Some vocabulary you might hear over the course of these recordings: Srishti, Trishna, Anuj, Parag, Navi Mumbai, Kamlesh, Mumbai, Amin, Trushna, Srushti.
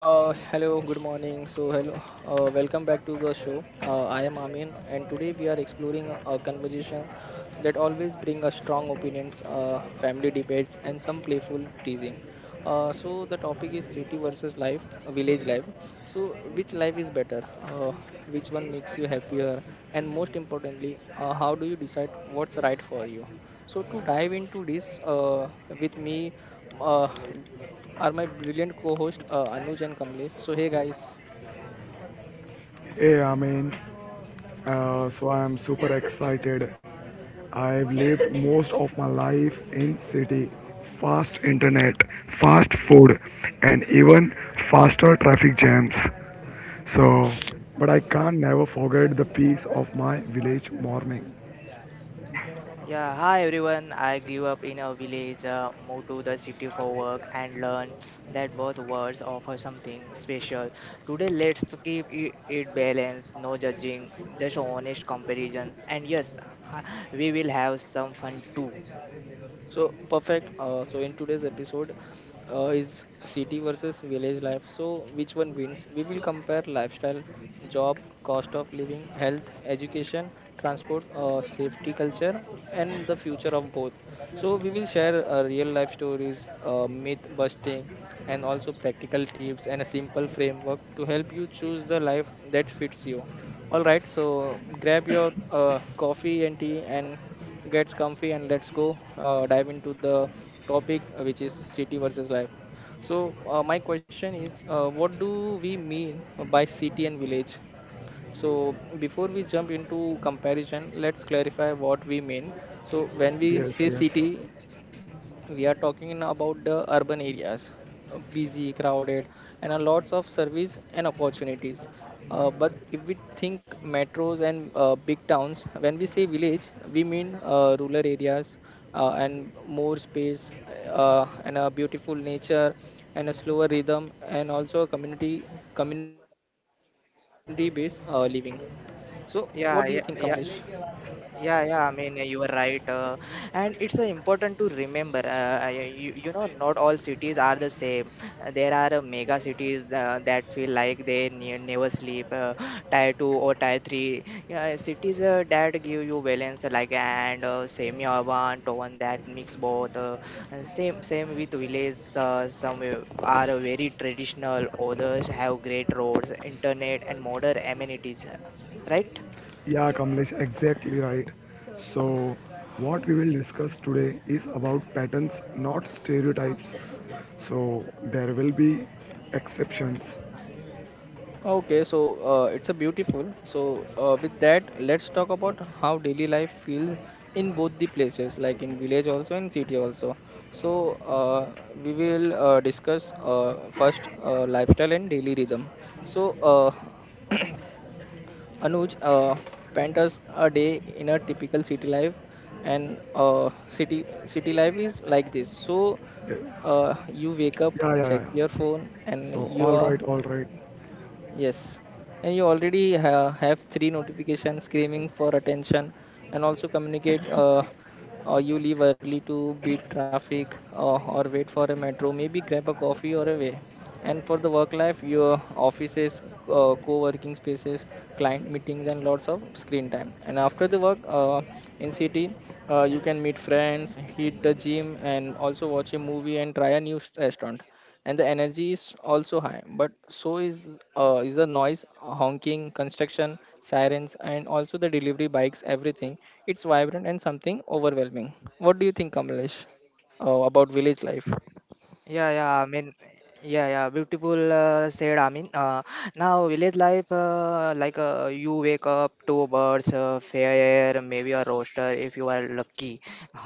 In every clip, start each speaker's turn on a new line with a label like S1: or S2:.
S1: Hello, good morning. Welcome back to the show. I am Amin, and today we are exploring a conversation that always bring us strong opinions, family debates, and some playful teasing. The topic is city versus life, village life. So, which life is better? Uh, which one makes you happier? And most importantly, how do you decide what's right for you? So, to dive into this with me, uh, are my brilliant co-host Anuj and Kamlesh. So hey guys.
S2: Hey, I mean, so I'm super excited. I've lived most of my life in city, fast internet, fast food, and even faster traffic jams. So, but I can't never forget the peace of my village morning.
S3: Yeah, hi everyone. I grew up in a village, moved to the city for work, and learned that both worlds offer something special. Today, let's keep it balanced, no judging, just honest comparisons. And yes, uh, we will have some fun too.
S1: So perfect. So in today's episode is city versus village life. So which one wins? We will compare lifestyle, job, cost of living, health, education, transport, safety, culture, and the future of both. So we will share real life stories, myth busting, and also practical tips and a simple framework to help you choose the life that fits you. All right. So grab your coffee and tea and gets comfy, and let's go dive into the topic, which is city versus life. So my question is, what do we mean by city and village? So before we jump into comparison, let's clarify what we mean. So when we
S2: Yes,
S1: say
S2: yes.
S1: city, we are talking about the urban areas, busy, crowded, and a lots of service and opportunities, but if we think metros and big towns. When we say village, we mean rural areas, and more space, and a beautiful nature, and a slower rhythm, and also a community based living. So what do you think, Kamlesh?
S3: Yeah, yeah, yeah. Yeah, yeah. I mean, you are right, and it's important to remember. Not all cities are the same. There are mega cities that feel like they never sleep. Tier two or tier three, yeah, cities that give you balance, like, and semi-urban town that mix both. And same with villages. Some are very traditional. Others have great roads, internet, and modern amenities. Right?
S2: Yeah, Kamlesh, exactly right. So, what we will discuss today is about patterns, not stereotypes. So, there will be exceptions.
S1: Okay, so it's a beautiful. So with that, let's talk about how daily life feels in both the places, like in village also and city also. So we will discuss first lifestyle and daily rhythm. So Anuj, paint us a day in a typical city life, and city life is like this. So
S2: Yes.
S1: you wake up,
S2: Yeah, yeah, yeah,
S1: check your
S2: yeah.
S1: phone, and
S2: So,
S1: you
S2: all
S1: are.
S2: right, all right.
S1: Yes, and you already have three notifications screaming for attention, and also communicate. Or you leave early to beat traffic, or wait for a metro. Maybe grab a coffee or a way. And for the work life, your offices, co-working spaces, client meetings, and lots of screen time. And after the work, in city, you can meet friends, hit the gym, and also watch a movie and try a restaurant, and the energy is also high, but so is the noise, honking, construction, sirens, and also the delivery bikes, everything. It's vibrant and something overwhelming. What do you think, Kamlesh, about village life?
S3: Yeah, yeah, I mean, yeah, yeah, beautiful said. I mean, now village life, like, you wake up two birds, fair air, maybe a rooster if you are lucky,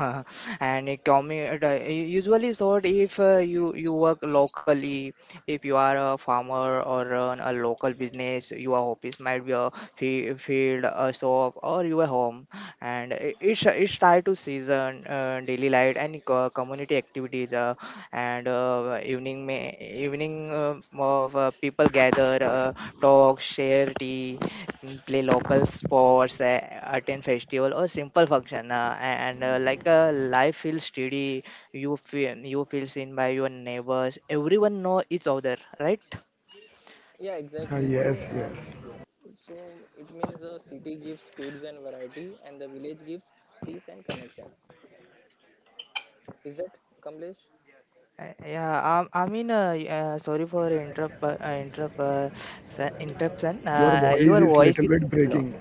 S3: and it commute usually sort if you work locally. If you are a farmer or run a local business, your office might be a field, a shop, or your home, and it's tied to season, daily light and community activities. Evening, of people gather, talk, share tea, play local sports, attend festival or simple function, and like a life feels steady. You feel seen by your neighbors, everyone know each other, right?
S1: Yeah,
S2: Ah,
S1: exactly.
S2: yes,
S1: So, uh,
S2: yes.
S1: so it means the city gives speeds and variety, and the village gives peace and connection. Is that, Kamlesh?
S3: Yeah, I mean, sorry for interruption.
S2: Your voice
S3: Your
S2: is
S3: voice is
S2: little bit
S3: low.
S2: breaking.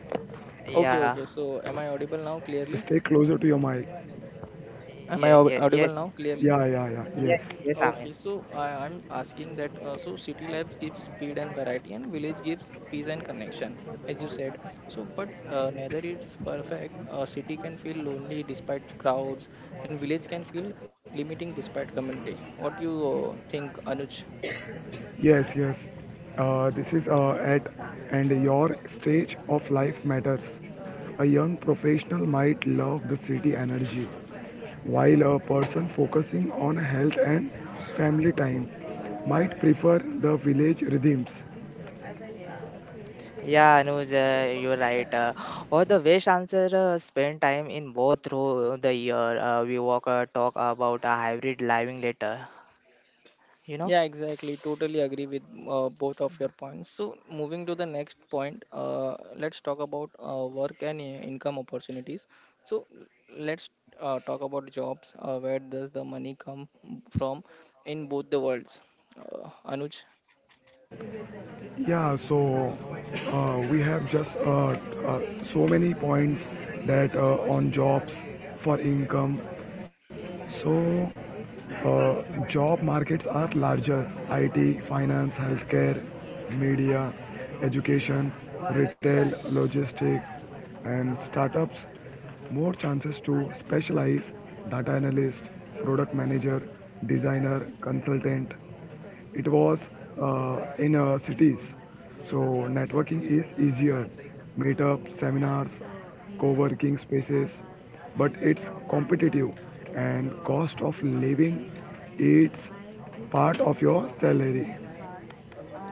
S1: Okay,
S3: Yeah,
S1: okay, so am I audible now clearly?
S2: Just stay closer to your mic.
S1: Am
S3: yeah,
S1: I
S3: yeah, yes,
S1: audible now clearly?
S2: Yeah, yeah, yeah.
S3: yeah,
S2: Yes,
S3: yes, I mean,
S1: Okay, so I, I'm asking that so city lives gives speed and variety, and village gives peace and connection, as you said. So, but neither is perfect. A city can feel lonely despite crowds, and village can feel limiting despite community. What do you think, Anuj?
S2: yes, yes. This is at and your stage of life matters. A young professional might love the city energy, while a person focusing on health and family time might prefer the village rhythms.
S3: yeah, Anuj, you're right. Or the best answer, spend time in both through the year. We walk, talk about a hybrid living later. You know.
S1: Yeah, exactly. Totally agree with both of your points. So, moving to the next point, let's talk about work and income opportunities. So, let's talk about jobs. Where does the money come from in both the worlds? Anuj?
S2: Yeah, so we have just uh, so many points that on jobs for income. So job markets are larger: IT, finance, healthcare, media, education, retail, logistics, and startups. More chances to specialize: data analyst, product manager, designer, consultant it was in cities. So networking is easier, meetup, seminars, co-working spaces, but it's competitive and cost of living it's part of your salary.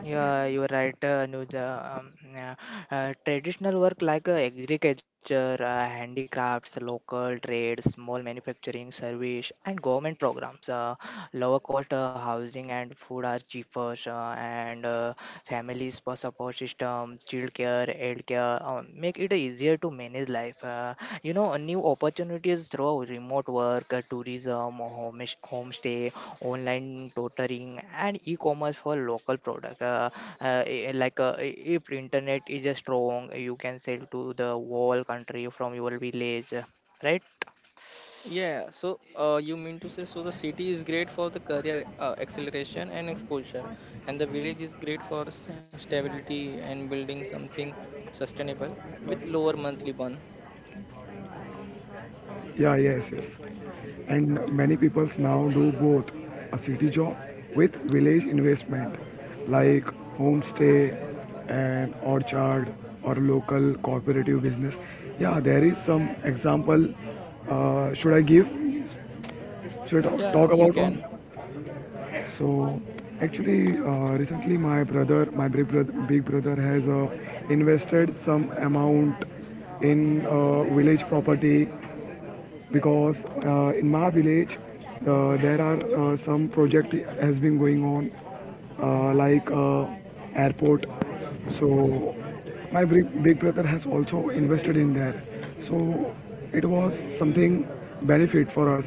S3: Yeah, you're right, Anuja. Yeah. Traditional work like agriculture, handicrafts, local trade, small manufacturing, service, and government programs. Lower cost housing and food are cheaper, and families for support system, child care, aid care, make it easier to manage life. New opportunities through remote work, tourism, homestay, online tutoring and e-commerce for local product. Like, if internet is strong, you can sell to the whole country from your village, right?
S1: Yeah, so you mean to say, so the city is great for the career acceleration and exposure, and the village is great for stability and building something sustainable with lower monthly burn.
S2: Yeah, yes, yes. And many people now do both a city job with village investment like homestay and orchard or local cooperative business. Yeah, there is some example. Should I give? Should I talk
S1: Yeah,
S2: talk
S1: you
S2: about on?
S1: can.
S2: So actually, recently my big brother has invested some amount in village property, because in my village there are some project has been going on like airport. So my big brother has also invested in there. So it was something benefit for us.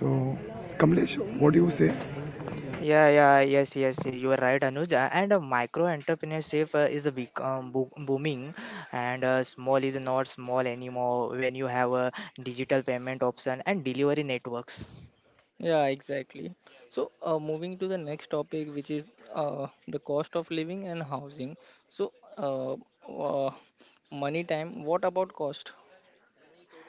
S2: So, Kamlesh, what do you say?
S3: Yeah, yeah, yes, yes, you are right, Anuj. And micro entrepreneurship is a big, booming, and small is not small anymore when you have a digital payment option and delivery networks.
S1: Yeah, exactly. So, moving to the next topic, which is the cost of living and housing. So, uh, money time, what about cost?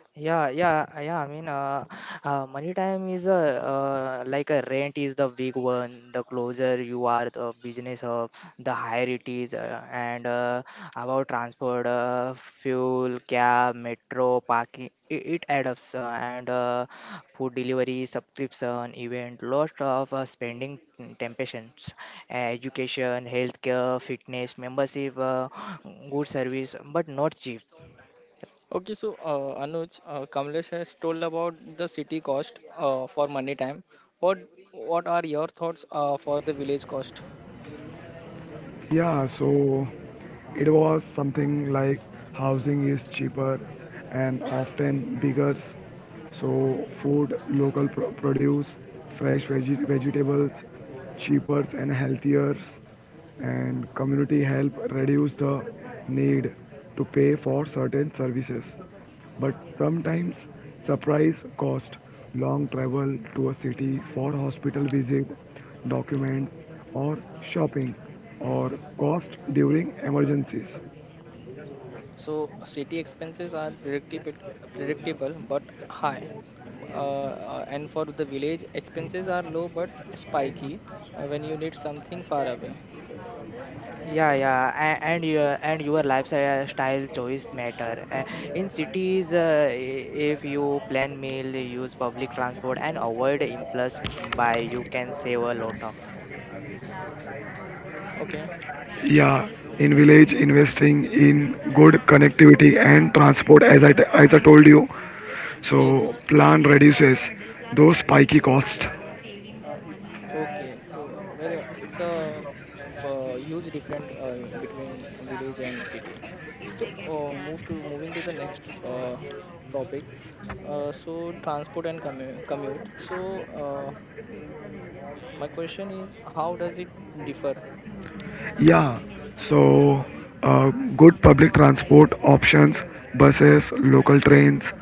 S3: Yeah, yeah, yeah. I mean, money time is a, like a, rent is the big one. The closer you are the business of, the higher it is. And about transport, fuel, cab, metro, parking, it adds up. And food delivery, subscription, event, lot of spending, temptations, education, healthcare, fitness, membership, good service, but not cheap.
S1: Okay, so Anuj, Kamlesh has told about the city cost for money time. What what are your thoughts for the village cost?
S2: Yeah, so it was something like housing is cheaper and often bigger. So food, local produce, fresh vegetables, cheaper and healthier, and community help reduce the need to pay for certain services. But sometimes surprise cost, long travel to a city for hospital visit, documents or shopping or cost during emergencies.
S1: So city expenses are predictable, predictable but high, and for the village expenses are low but spiky when you need something far away.
S3: Yeah, yeah, and your lifestyle choice matter. In cities, if you plan meal, use public transport, and avoid impulse buy, you can save a lot of.
S1: Okay.
S2: Yeah, in village investing in good connectivity and transport as I told you. So
S1: Yes.
S2: plan reduces those spiky costs.
S1: Okay. So very it's a, huge difference between village and city. So move to moving to the next topic. So transport and commute. So uh, my question is, how does it differ?
S2: Yeah, so uh, good public transport options, buses, local trains,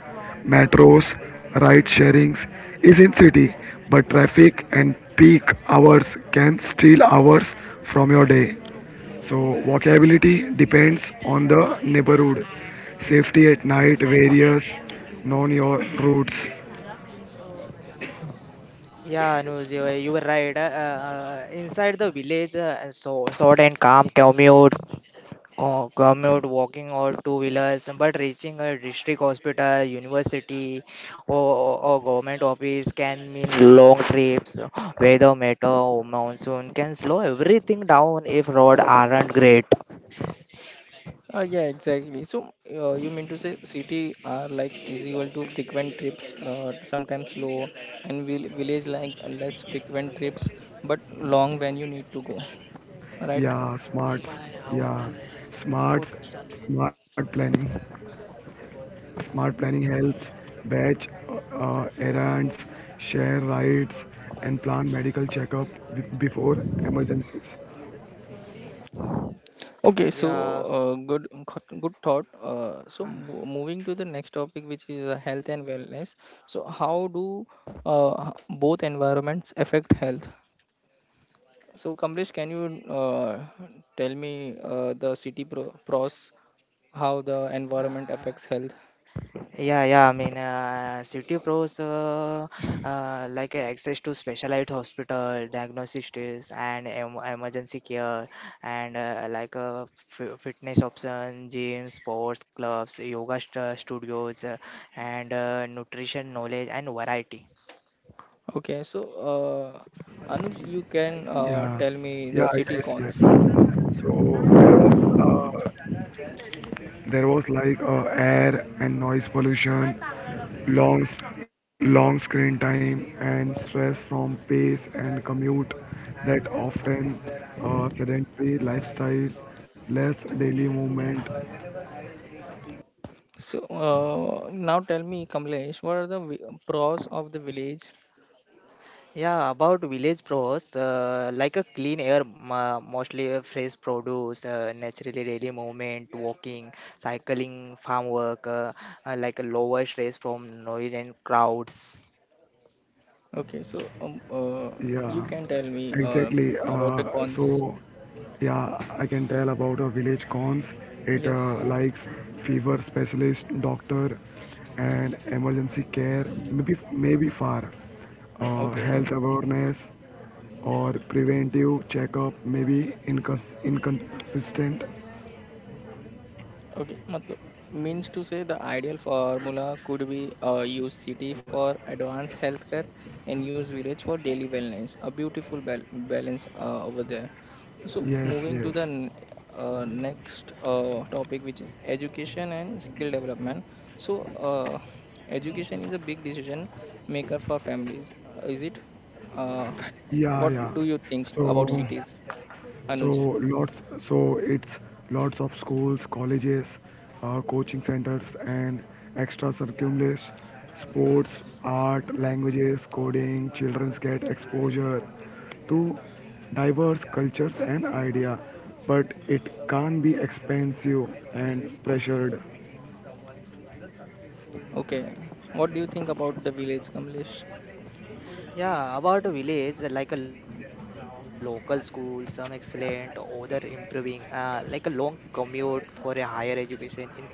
S2: metros, ride sharings is in city, but traffic and peak hours can steal hours from your day. So walkability depends on the neighborhood. Safety at night various, known your routes.
S3: Yeah, Anuj, you were right. Inside the village, so short and calm commute, walking or two wheelers, but reaching a district hospital, university, or government office can mean long trips. Weather matter, monsoon can slow everything down if roads aren't great.
S1: Yeah, exactly. So you mean to say city are like is equal to frequent trips, sometimes slow, and village like less frequent trips but long when you need to go, right?
S2: Yeah,
S3: ए भाई
S2: smarts.
S3: आवाज आ रहा
S2: Yeah,
S3: है podcast
S2: smarts,
S3: चालू है.
S2: smart planning. Smart planning helps batch errands, share rides, and plan medical checkup before emergencies.
S1: Okay, so
S3: Yeah.
S1: good, good thought. So moving to the next topic, which is health and wellness. So how do both environments affect health? So, Kamlesh, can you tell me the city pros, how the environment
S3: uh,
S1: affects health?
S3: Yeah, yeah. I mean, city pros, like access to specialized hospital, diagnosis tests, and emergency care, and like fitness options, gyms, sports clubs, yoga studios, and nutrition knowledge and variety.
S1: Okay, so Anuj, you can
S2: Yeah,
S1: tell me
S2: yeah,
S1: the city
S2: yes, yes.
S1: cons.
S2: So there was like air and noise pollution, long long screen time, and stress from pace and commute that often sedentary lifestyle, less daily movement.
S1: So now tell me, Kamlesh, what are the pros of the village?
S3: Yeah, about village pros, like a clean air, mostly fresh produce, naturally daily movement, walking, cycling, farm work, like a lower stress from noise and crowds.
S1: Okay, so
S2: Yeah,
S1: you can tell me
S2: exactly.
S1: about the cons.
S2: So, yeah, I can tell about a village cons. It
S1: Yes.
S2: likes fever specialist, doctor, and emergency care. Maybe far,
S1: Okay.
S2: health awareness, or preventive checkup. Maybe inconsistent.
S1: Okay, matlab, means to say the ideal formula could be use city for advanced healthcare and use village for daily wellness. A beautiful balance over there. So
S2: Yes,
S1: moving to
S2: yes.
S1: the next topic, which is education and skill development. So education is a big decision maker for families. Is it? Uh,
S2: Yeah,
S1: what
S2: yeah.
S1: do you think about
S2: So.
S1: cities, Anuj?
S2: So lots, so it's lots of schools, colleges, coaching centers, and extra circumstances, sports, art, languages, coding. Children get exposure to diverse cultures and idea, but it can be expensive and pressured.
S1: Okay. What do you think about the village, Kamlesh?
S3: Yeah, about village, like a local school, some excellent, other improving, like a long commute for a higher education in some region,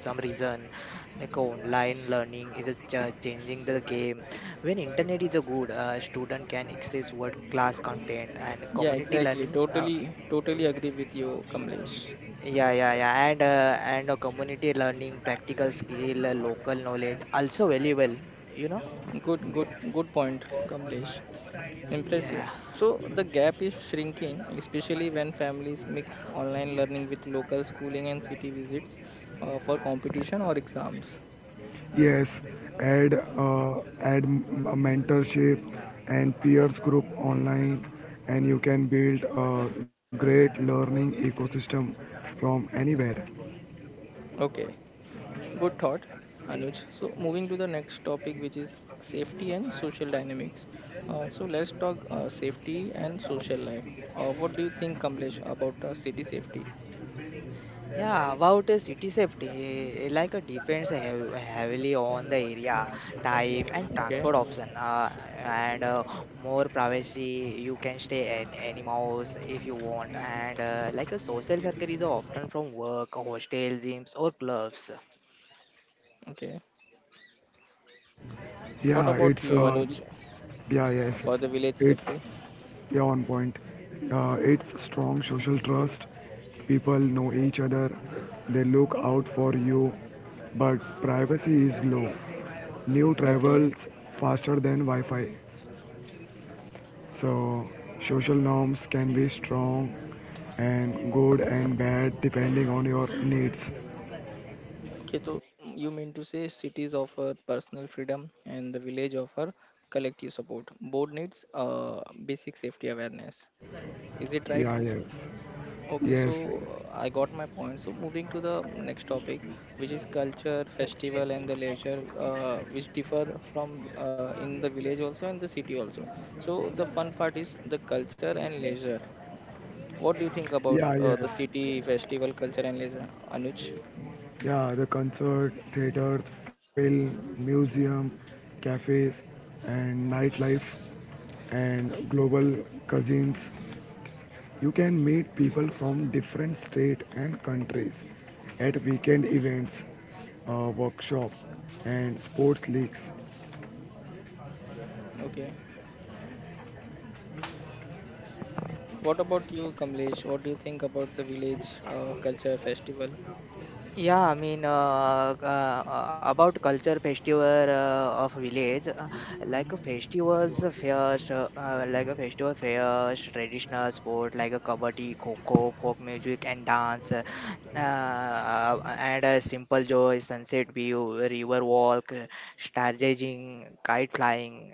S3: like a online learning is a changing the game. When internet is a good, student can access world class content and
S1: Yeah,
S3: community
S1: exactly.
S3: learning.
S1: Totally, totally agree with you, Kamlesh.
S3: Yeah, yeah, yeah, and a community learning, practical skill, local knowledge, also valuable. You know?
S1: Good, good, good point, Kamlesh. Impressive.
S3: Yeah,
S1: So the gap is shrinking,
S3: yeah.
S1: especially when families mix online learning with local schooling and city visits for competition or exams.
S2: Yes, add a mentorship and peers group online, and you can build a great learning ecosystem from anywhere.
S1: Okay, good thought, Anuj. So moving to the next topic, which is safety and social dynamics. So let's talk safety and social life. What do you think, Kamlesh, about city safety?
S3: Yeah, about city safety, like depends heavily on the area, time, and
S1: Okay,
S3: transport option. And more privacy, you can stay in any house if you want. And like a social circle is often from work, hostel, gyms, or clubs.
S1: okay. What
S2: Yeah,
S1: about
S2: it's
S1: you,
S2: uh,
S1: Anuj,
S2: yeah yes, yes.
S1: for the village
S2: it's
S1: safety?
S2: yeah on point. It's strong social trust. People know each other. They look out for you, but privacy is low. New
S1: Okay.
S2: travels faster than Wi-Fi. So, social norms can be strong and good and bad depending on your needs.
S1: Okay, so you mean to say cities offer personal freedom and the village offer collective support. Both needs basic safety awareness. Is it right?
S2: Yeah, yes.
S1: Okay, so
S2: Yes, yes.
S1: I got my point. So moving to the next topic, which is culture, festival, and the leisure, which differ from in the village also and the city also. So the fun part is the culture and leisure. What do you think about
S2: Yeah, yes.
S1: the city festival culture and leisure, Anuj?
S2: Yeah, the concert, theaters, film, museum, cafes, and nightlife and global cousins. You can meet people from different states and countries at weekend events, workshop, and sports leagues.
S1: Okay. What about you, Kamlesh? What do you think about the village culture festival?
S3: Yeah, I mean, about culture festival of village, like a festivals, fairs, like a festival fairs, traditional sport like a kabaddi, kho folk music and dance, and a simple joy, sunset view, river walk, stargazing, kite flying,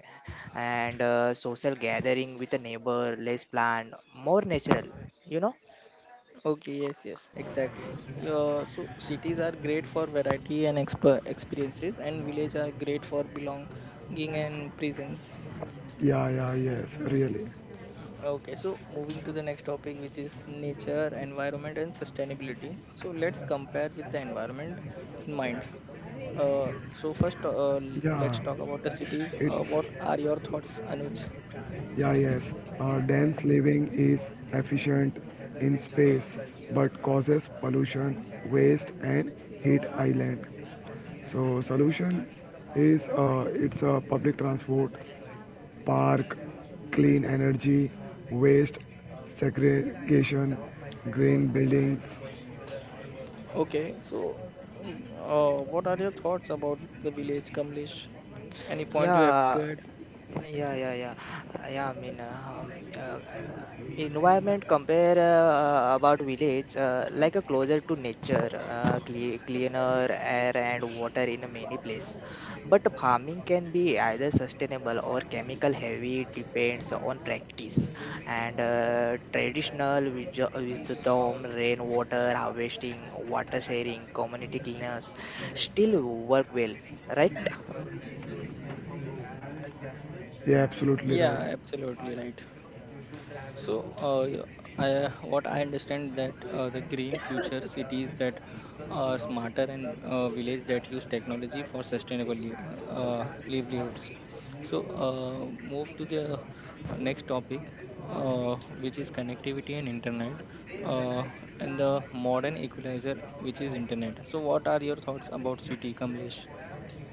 S3: and social gathering with a neighbor, less planned, more natural, you know?
S1: Okay, yes, yes, exactly. Your so cities are great for variety and experiences, and village are great for belonging and presence.
S2: Yeah, yeah, yes, really.
S1: Okay, so moving to the next topic, which is nature, environment, and sustainability. So let's compare with the environment in mind. So first, let's
S2: Yeah,
S1: talk about the cities.
S2: it's,
S1: What are your thoughts, Anuj?
S2: yeah, yes. Dense living is efficient in space but causes pollution, waste, and heat island. So, solution is it's public transport, park, clean energy, waste segregation, green buildings.
S1: Okay, so what are your thoughts about the village, Kamlesh? Any point you have to
S3: Yeah,
S1: add?
S3: yeah, yeah, yeah. Yeah, I mean, environment compare, about village, like a closer to nature, cleaner air and water in a many place. But farming can be either sustainable or chemical heavy, depends on practice. And traditional wisdom, rainwater harvesting, water sharing, community cleanups still work well, right?
S2: Yeah, absolutely right.
S1: Yeah, absolutely right. So, I, what I understand that the green future cities that are smarter and villages that use technology for sustainable livelihoods. So, move to the next topic, uh, which is connectivity and internet, uh, and the modern equalizer, which is internet. So, what are your thoughts about city, Kamlesh?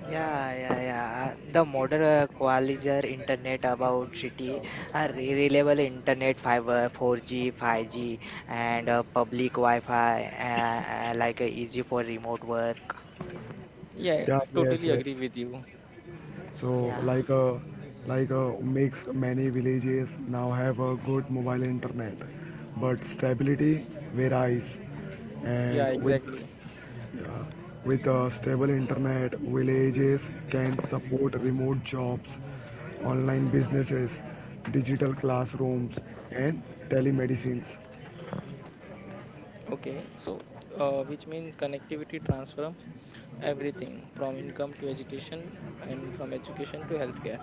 S3: Yeah, yeah, yeah. The modern qualizer internet about city are reliable internet fiber 4G, 5G, and public Wi-Fi, like easy for remote work.
S1: Yeah,
S2: Yeah,
S1: I totally
S2: yes, yes.
S1: agree with you.
S2: So
S3: Yeah.
S2: like uh, like uh, makes many villages now have a good mobile internet, but stability varies,
S1: Yeah,
S2: and with
S1: exactly.
S2: with a stable internet, villages can support remote jobs, online businesses, digital classrooms, and telemedicines.
S1: Okay, so which means connectivity transfer everything from income to education and from education to healthcare.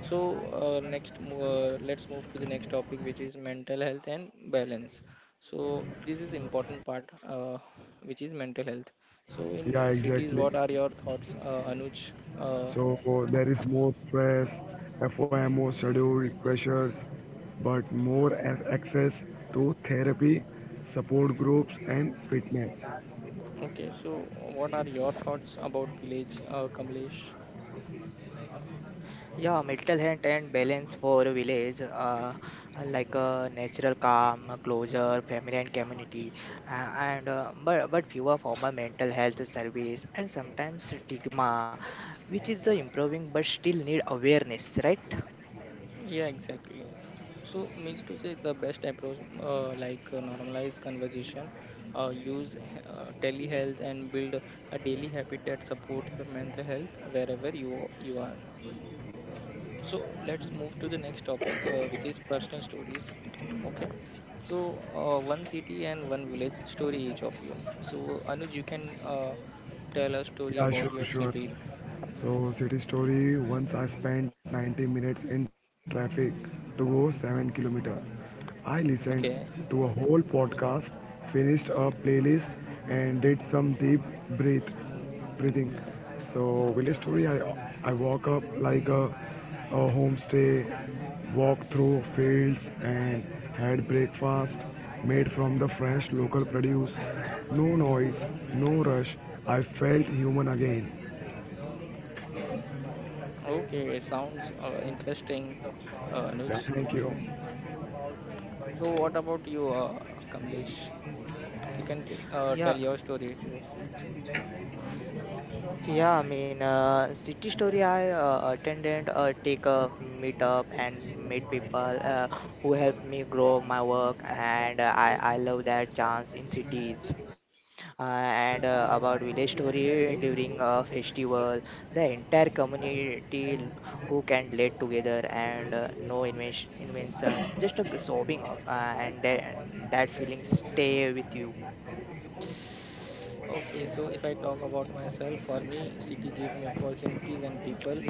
S1: So let's move to the next topic, which is mental health and balance. So this is important part, which is mental health. So in
S2: Yeah,
S1: cities,
S2: exactly.
S1: what are your thoughts, Anuj? uh,
S2: So there is more stress, FOMO, schedule pressures, but more as access to therapy, support groups, and fitness.
S1: okay, so what are your thoughts about village, Kamlesh?
S3: Yeah, mental health and balance for a village, like a natural calm, a closure, family and community, and but fewer formal mental health service and sometimes stigma, which is the improving but still need awareness, right?
S1: Yeah, exactly. So means to say the best approach, like normalize conversation, use telehealth, and build a daily habit that supports your mental health wherever you are. So let's move to the next topic, which is personal stories. Okay. So one city and one village story each of you. So Anuj, you can tell a story
S2: Yeah,
S1: about
S2: sure,
S1: your
S2: sure.
S1: city.
S2: So city story. Once I spent 90 minutes in traffic to go 7 kilometer. I listened
S1: Okay.
S2: to a whole podcast, finished a playlist, and did some deep breath breathing. So village story. I walk up like a homestay, walk through fields and had breakfast made from the fresh local produce. No noise, no rush. I felt human again.
S1: Okay. It sounds interesting,
S2: Yeah,
S1: Anuj.
S2: thank you.
S1: So what about you, Kamlesh? You can tell
S3: Yeah,
S1: your story too.
S3: yeah. I mean, city story. I attended, take a meetup and meet people who helped me grow my work, and I love that chance in cities.
S1: Okay,
S3: And
S1: great.
S3: about village story during a festival. The entire community cook and late together, and no invention, just a sopping up, and that feeling stay with you.
S1: Okay, so if I talk about myself, for me, city gave me opportunities and people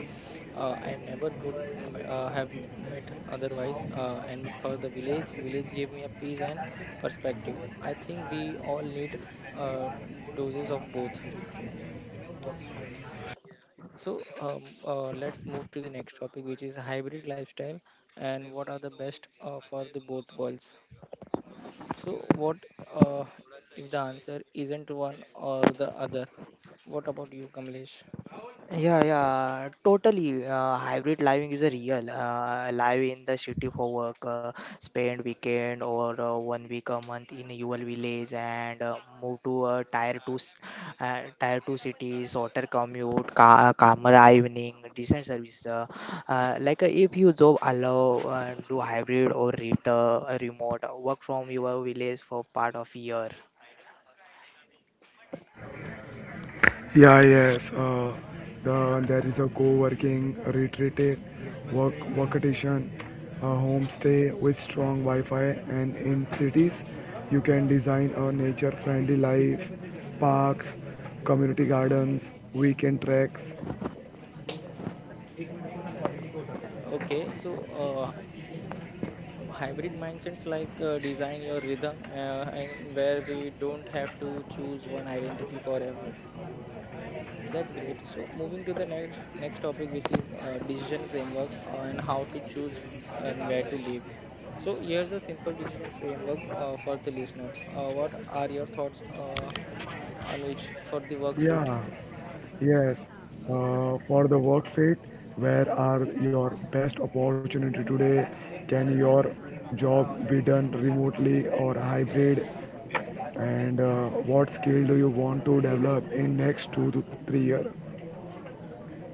S1: I never would have met otherwise. And for the village, village gave me a peace and perspective. I think we all need uh, doses of both. So let's move to the next topic, which is hybrid lifestyle and what are the best for the both worlds. So, what uh, if the answer isn't one or the other? What about you, Kamlesh?
S3: Yeah, yeah, totally. Hybrid living is a real. Live in the city for work, spend weekend or 1 week a month in your village, and move to a tier two city, shorter commute, calmer evening, decent service. Like, if you job allow, do hybrid or remote, work from your village for part of year.
S2: Yeah, yes. There is a co-working, a retreat, work, workation, a homestay with strong Wi-Fi, and in cities, you can design a nature-friendly life, parks, community gardens, weekend treks.
S1: Okay, so hybrid mindsets like design your rhythm and where we don't have to choose one identity forever. That's great. So moving to the next topic, which is decision framework and how to choose and where to live. So here's a simple decision framework for the listener. What are your thoughts, Anuj, for the work fit?
S2: Yeah, yes. For the work fit, where are your best opportunity today? Can your job be done remotely or hybrid? And what skill do you want to develop in next 2 to 3 year?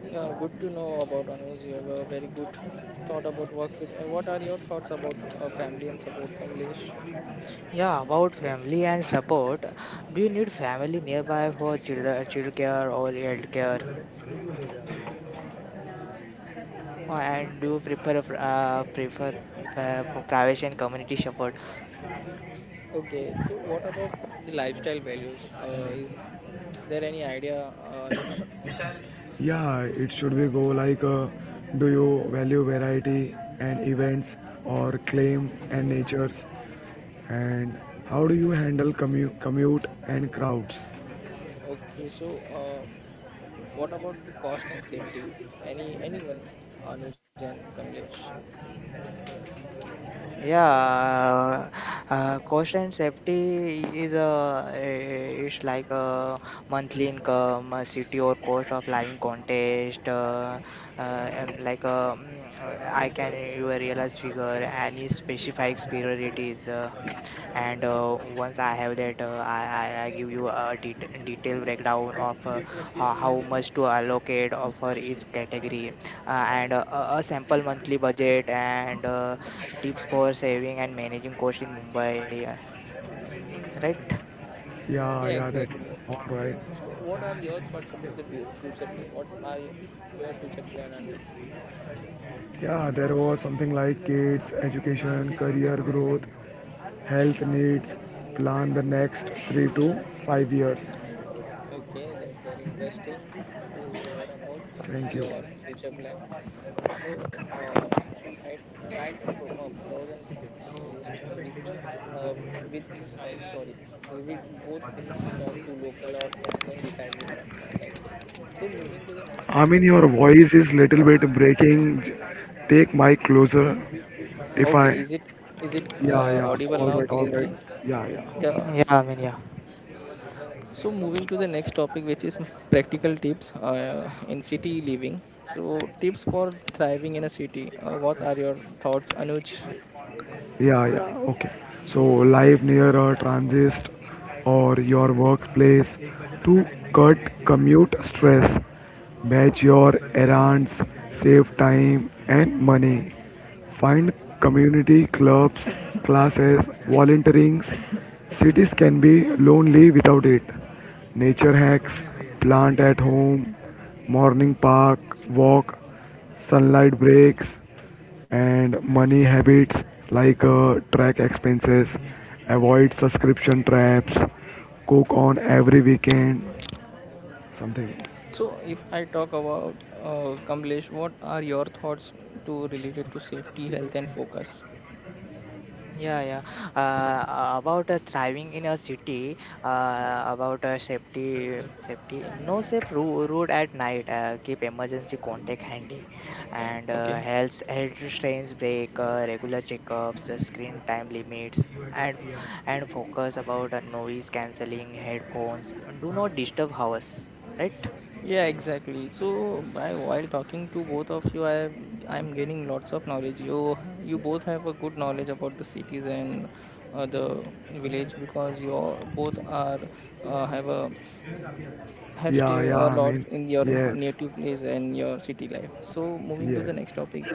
S1: Yeah, good to know about Anuj. You have a very good thought about work fit. And what are your thoughts about family and support, Kamlesh?
S3: Yeah, about family and support. Do you need family nearby for children, child care or health care? And do you prefer for private and community support?
S1: Okay, so what about the lifestyle values? Is there any idea, Anuj?
S2: Yeah, it should be go like, do you value variety and events or claim and natures? And how do you handle commute and crowds?
S1: Okay, so um what about the cost and safety? Anyone, Anuj and Kamlesh?
S3: Yeah, cost and safety is a, it's like a monthly income, a city or cost of living contest, uh, and like a, I can you realize figure any specified priorities. And once I have that, I give you a detailed breakdown of how much to allocate for each category, and a sample monthly budget and tips for saving and managing cost in Mumbai. Right?
S2: Yeah,
S1: Yeah,
S2: yeah, that
S1: exactly.
S2: all right.
S1: So what are your thoughts about the view, future plan? What are your future plan, Anuj?
S2: Yeah, there was something like kids, education, career growth, health needs, plan the next 3 to 5 years.
S1: Okay, that's very interesting to hear about
S2: Thank you.
S1: your future plan. So, uh, write write a pros and cons list uh, with sorry visit both place, talk to local or friends, and decide with confidence. I think so, moving to the next
S2: I mean,
S1: topic,
S2: your
S1: which is,
S2: voice is little bit breaking. Take mic closer. If
S1: okay,
S2: I,
S1: is it is it
S2: yeah,
S1: uh,
S2: yeah.
S1: audible
S2: All
S1: now
S2: right, all right.
S1: clearly?
S2: Yeah, yeah.
S3: Yeah,
S1: Yes.
S3: I mean, yeah.
S1: So moving to the next topic, which is practical tips in city living. So tips for thriving in a city, what are your thoughts, Anuj?
S2: Yeah, yeah, okay. So, live near a transit or your workplace to cut commute stress, batch your errands, save time and money. Find community clubs, classes, volunteerings. Cities can be lonely without it. Nature hacks, plant at home, morning park, walk sunlight breaks, and money habits like track expenses, avoid subscription traps, cook on every weekend, something.
S1: So, if I talk about Kamlesh, what are your thoughts to related to safety, health, and focus?
S3: Yeah, yeah. About thriving in a city, about safety. No safe road at night. Keep emergency contact handy, and
S1: Okay.
S3: health strains break. Regular checkups, screen time limits, and and focus about noise cancelling headphones, and do not disturb hours. Right?
S1: Yeah, exactly. So, by while talking to both of you, I'm gaining lots of knowledge. You both have a good knowledge about the cities and the village, because you both are uh, have a have stay
S2: Yeah, yeah,
S1: a
S2: I
S1: lot
S2: mean,
S1: in your
S2: yes,
S1: native place and your city life. So moving to the
S2: yes.
S1: next topic,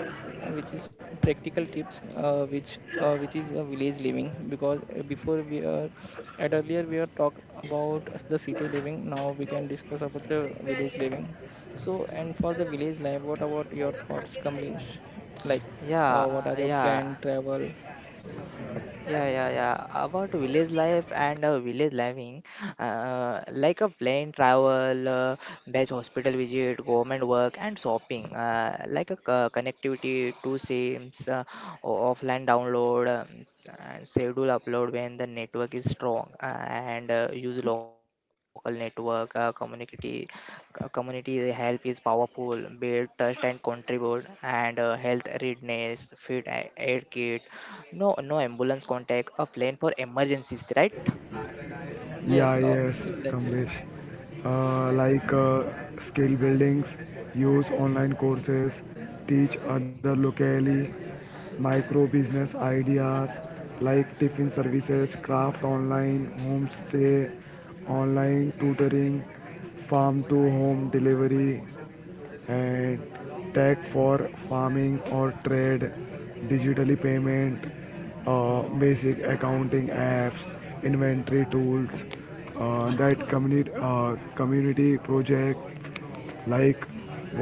S1: which is practical tips, which is village living, because before we are at earlier we are talk about the city living. Now we can discuss about the village living. So, and for the village life, what about your thoughts, Kamlesh? Like what
S3: Yeah,
S1: are your
S3: yeah.
S1: planned travel?
S3: Yeah, yeah, yeah. About village life and village living, like a plane travel, best hospital visit, government work, and shopping, like a connectivity to sims, offline download, and schedule upload when the network is strong, and use local network, community help is powerful, build trust and contribute, and health readiness, feed aid kit, no ambulance contact, a plane for emergencies, right?
S2: Yeah,
S1: Yes,
S2: yes,
S1: exactly.
S2: Kamlesh. Uh, like uh, Skill buildings, use online courses, teach other locally, micro business ideas like tiffin services, craft online, homestay, online tutoring, farm to home delivery, and tech for farming or trade, digitally payment, basic accounting apps, inventory tools, that community projects like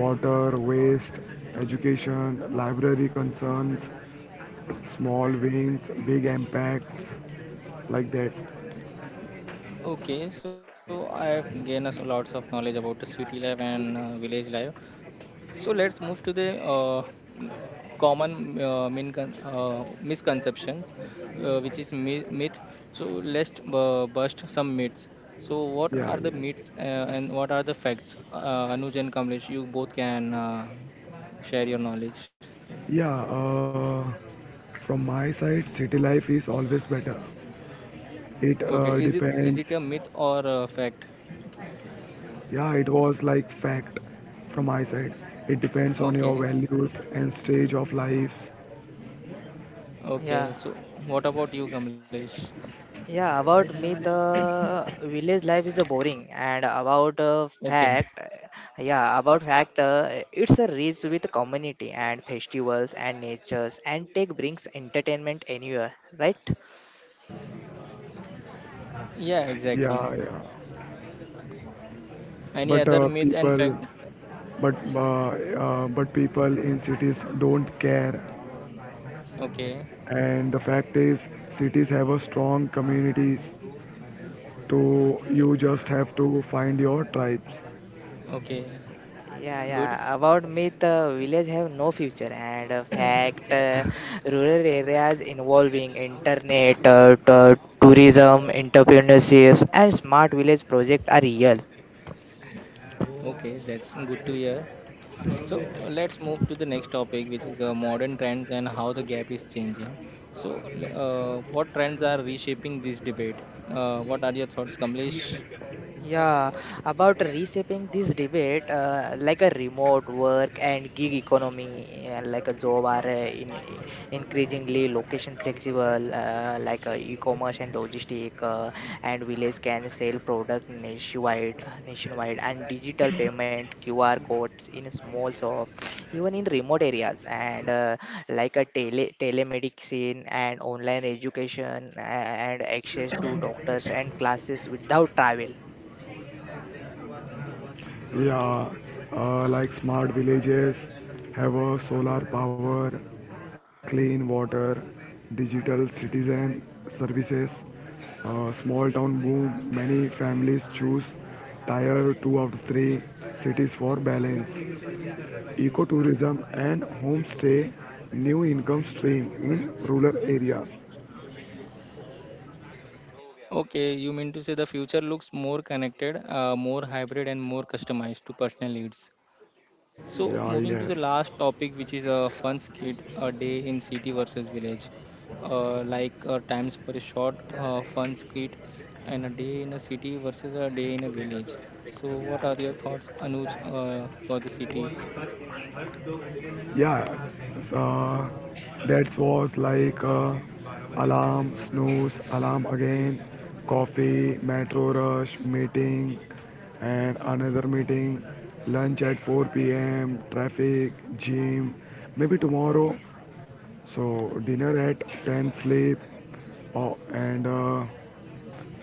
S2: water, waste, education, library concerns, small wins, big impacts, like that.
S1: Okay, so I have gained us lots of knowledge about the city life and village life. So let's move to the common misconceptions, which is myth. So let's bust some myths. So what are
S2: Yeah,
S1: the
S2: yeah,
S1: myths and what are the facts? Anuj and Kamlesh, you both can share your knowledge.
S2: yeah. From my side, city life is always better. It
S1: Okay, is it
S2: depends.
S1: a myth or a fact?
S2: Yeah, it was like fact from my side. It depends on
S1: Okay,
S2: your values and stage of life.
S1: okay.
S3: Yeah,
S1: So what about you, Kamlesh?
S3: yeah. About me, the village life is a boring, and about
S1: Okay,
S3: fact, yeah, it's a rich with community and festivals and natures, and tech brings entertainment anywhere, right?
S1: yeah, exactly.
S2: Yeah, yeah.
S1: Any
S2: But
S1: other
S2: uh,
S1: myth and
S2: people,
S1: fact?
S2: but uh, but people in cities don't care.
S1: Okay,
S2: And the fact is, cities have a strong communities. So you just have to find your tribes.
S1: okay,
S3: Yeah,
S1: good.
S3: yeah. About myth, village have no future, and fact, rural areas involving internet, tourism, entrepreneurship, and smart village project are real.
S1: Okay, that's good to hear. So let's move to the next topic, which is modern trends and how the gap is changing. So, what trends are reshaping this debate? What are your thoughts, Kamlesh?
S3: Yeah, about reshaping this debate, like a remote work and gig economy, like a job are in increasingly location flexible, like e-commerce and logistic, and village can sell product nationwide, and digital payment QR codes in small shop, even in remote areas, and like a telemedicine and online education, and access to doctors and classes without travel.
S2: Yeah, like smart villages have a solar power, clean water, digital citizen services, small town boom. Many families choose tier two of three cities for balance, ecotourism and homestay, new income stream in rural areas.
S1: Okay, you mean to say the future looks more connected, more hybrid, and more customized to personal needs. So
S2: Yeah,
S1: moving to
S2: yes.
S1: the last topic, which is a fun skit, a day in city versus village. Times for a short fun skit and a day in a city versus a day in a village. So what are your thoughts, Anuj, for the city?
S2: Yeah, uh, that was like alarm, snooze, alarm again, coffee, metro rush, meeting, and another meeting, lunch at 4 p.m., traffic, gym, maybe tomorrow. So, dinner at 10, sleep. Oh, and uh,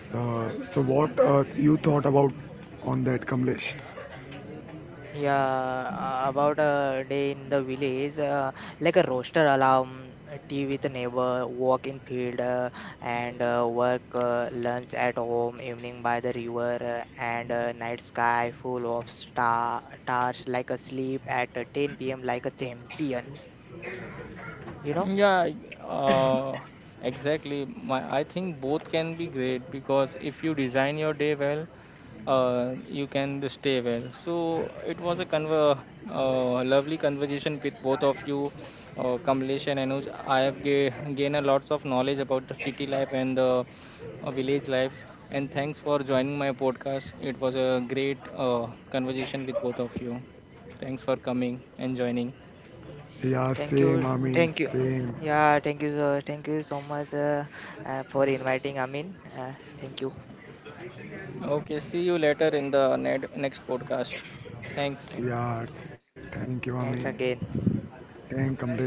S2: uh, so, what you thought about on that, Kamlesh?
S3: Yeah, about a day in the village, like a roaster alarm, a tea with a neighbor, walk in field, and work, lunch at home, evening by the river, and night sky full of stars, like a sleep at 10 p.m. like a champion. You know?
S1: Yeah, uh, exactly. My, I think both can be great because if you design your day well, you can stay well. So it was a conver lovely conversation with both of you, Kamlesh and Anuj. I have gained a lots of knowledge about the city life and the village life. And thanks for joining my podcast. It was a great conversation with both of you. Thanks for coming and joining.
S2: Yeah,
S3: Thank
S2: same,
S3: you,
S2: I mean,
S3: thank you.
S2: same.
S3: Yeah, thank you so much for inviting Amin. Thank you,
S1: Okay, see you later in the next podcast. Thanks.
S3: thank,
S2: Yeah, thank you, I mean.
S3: thanks again.
S2: Came Kamlesh.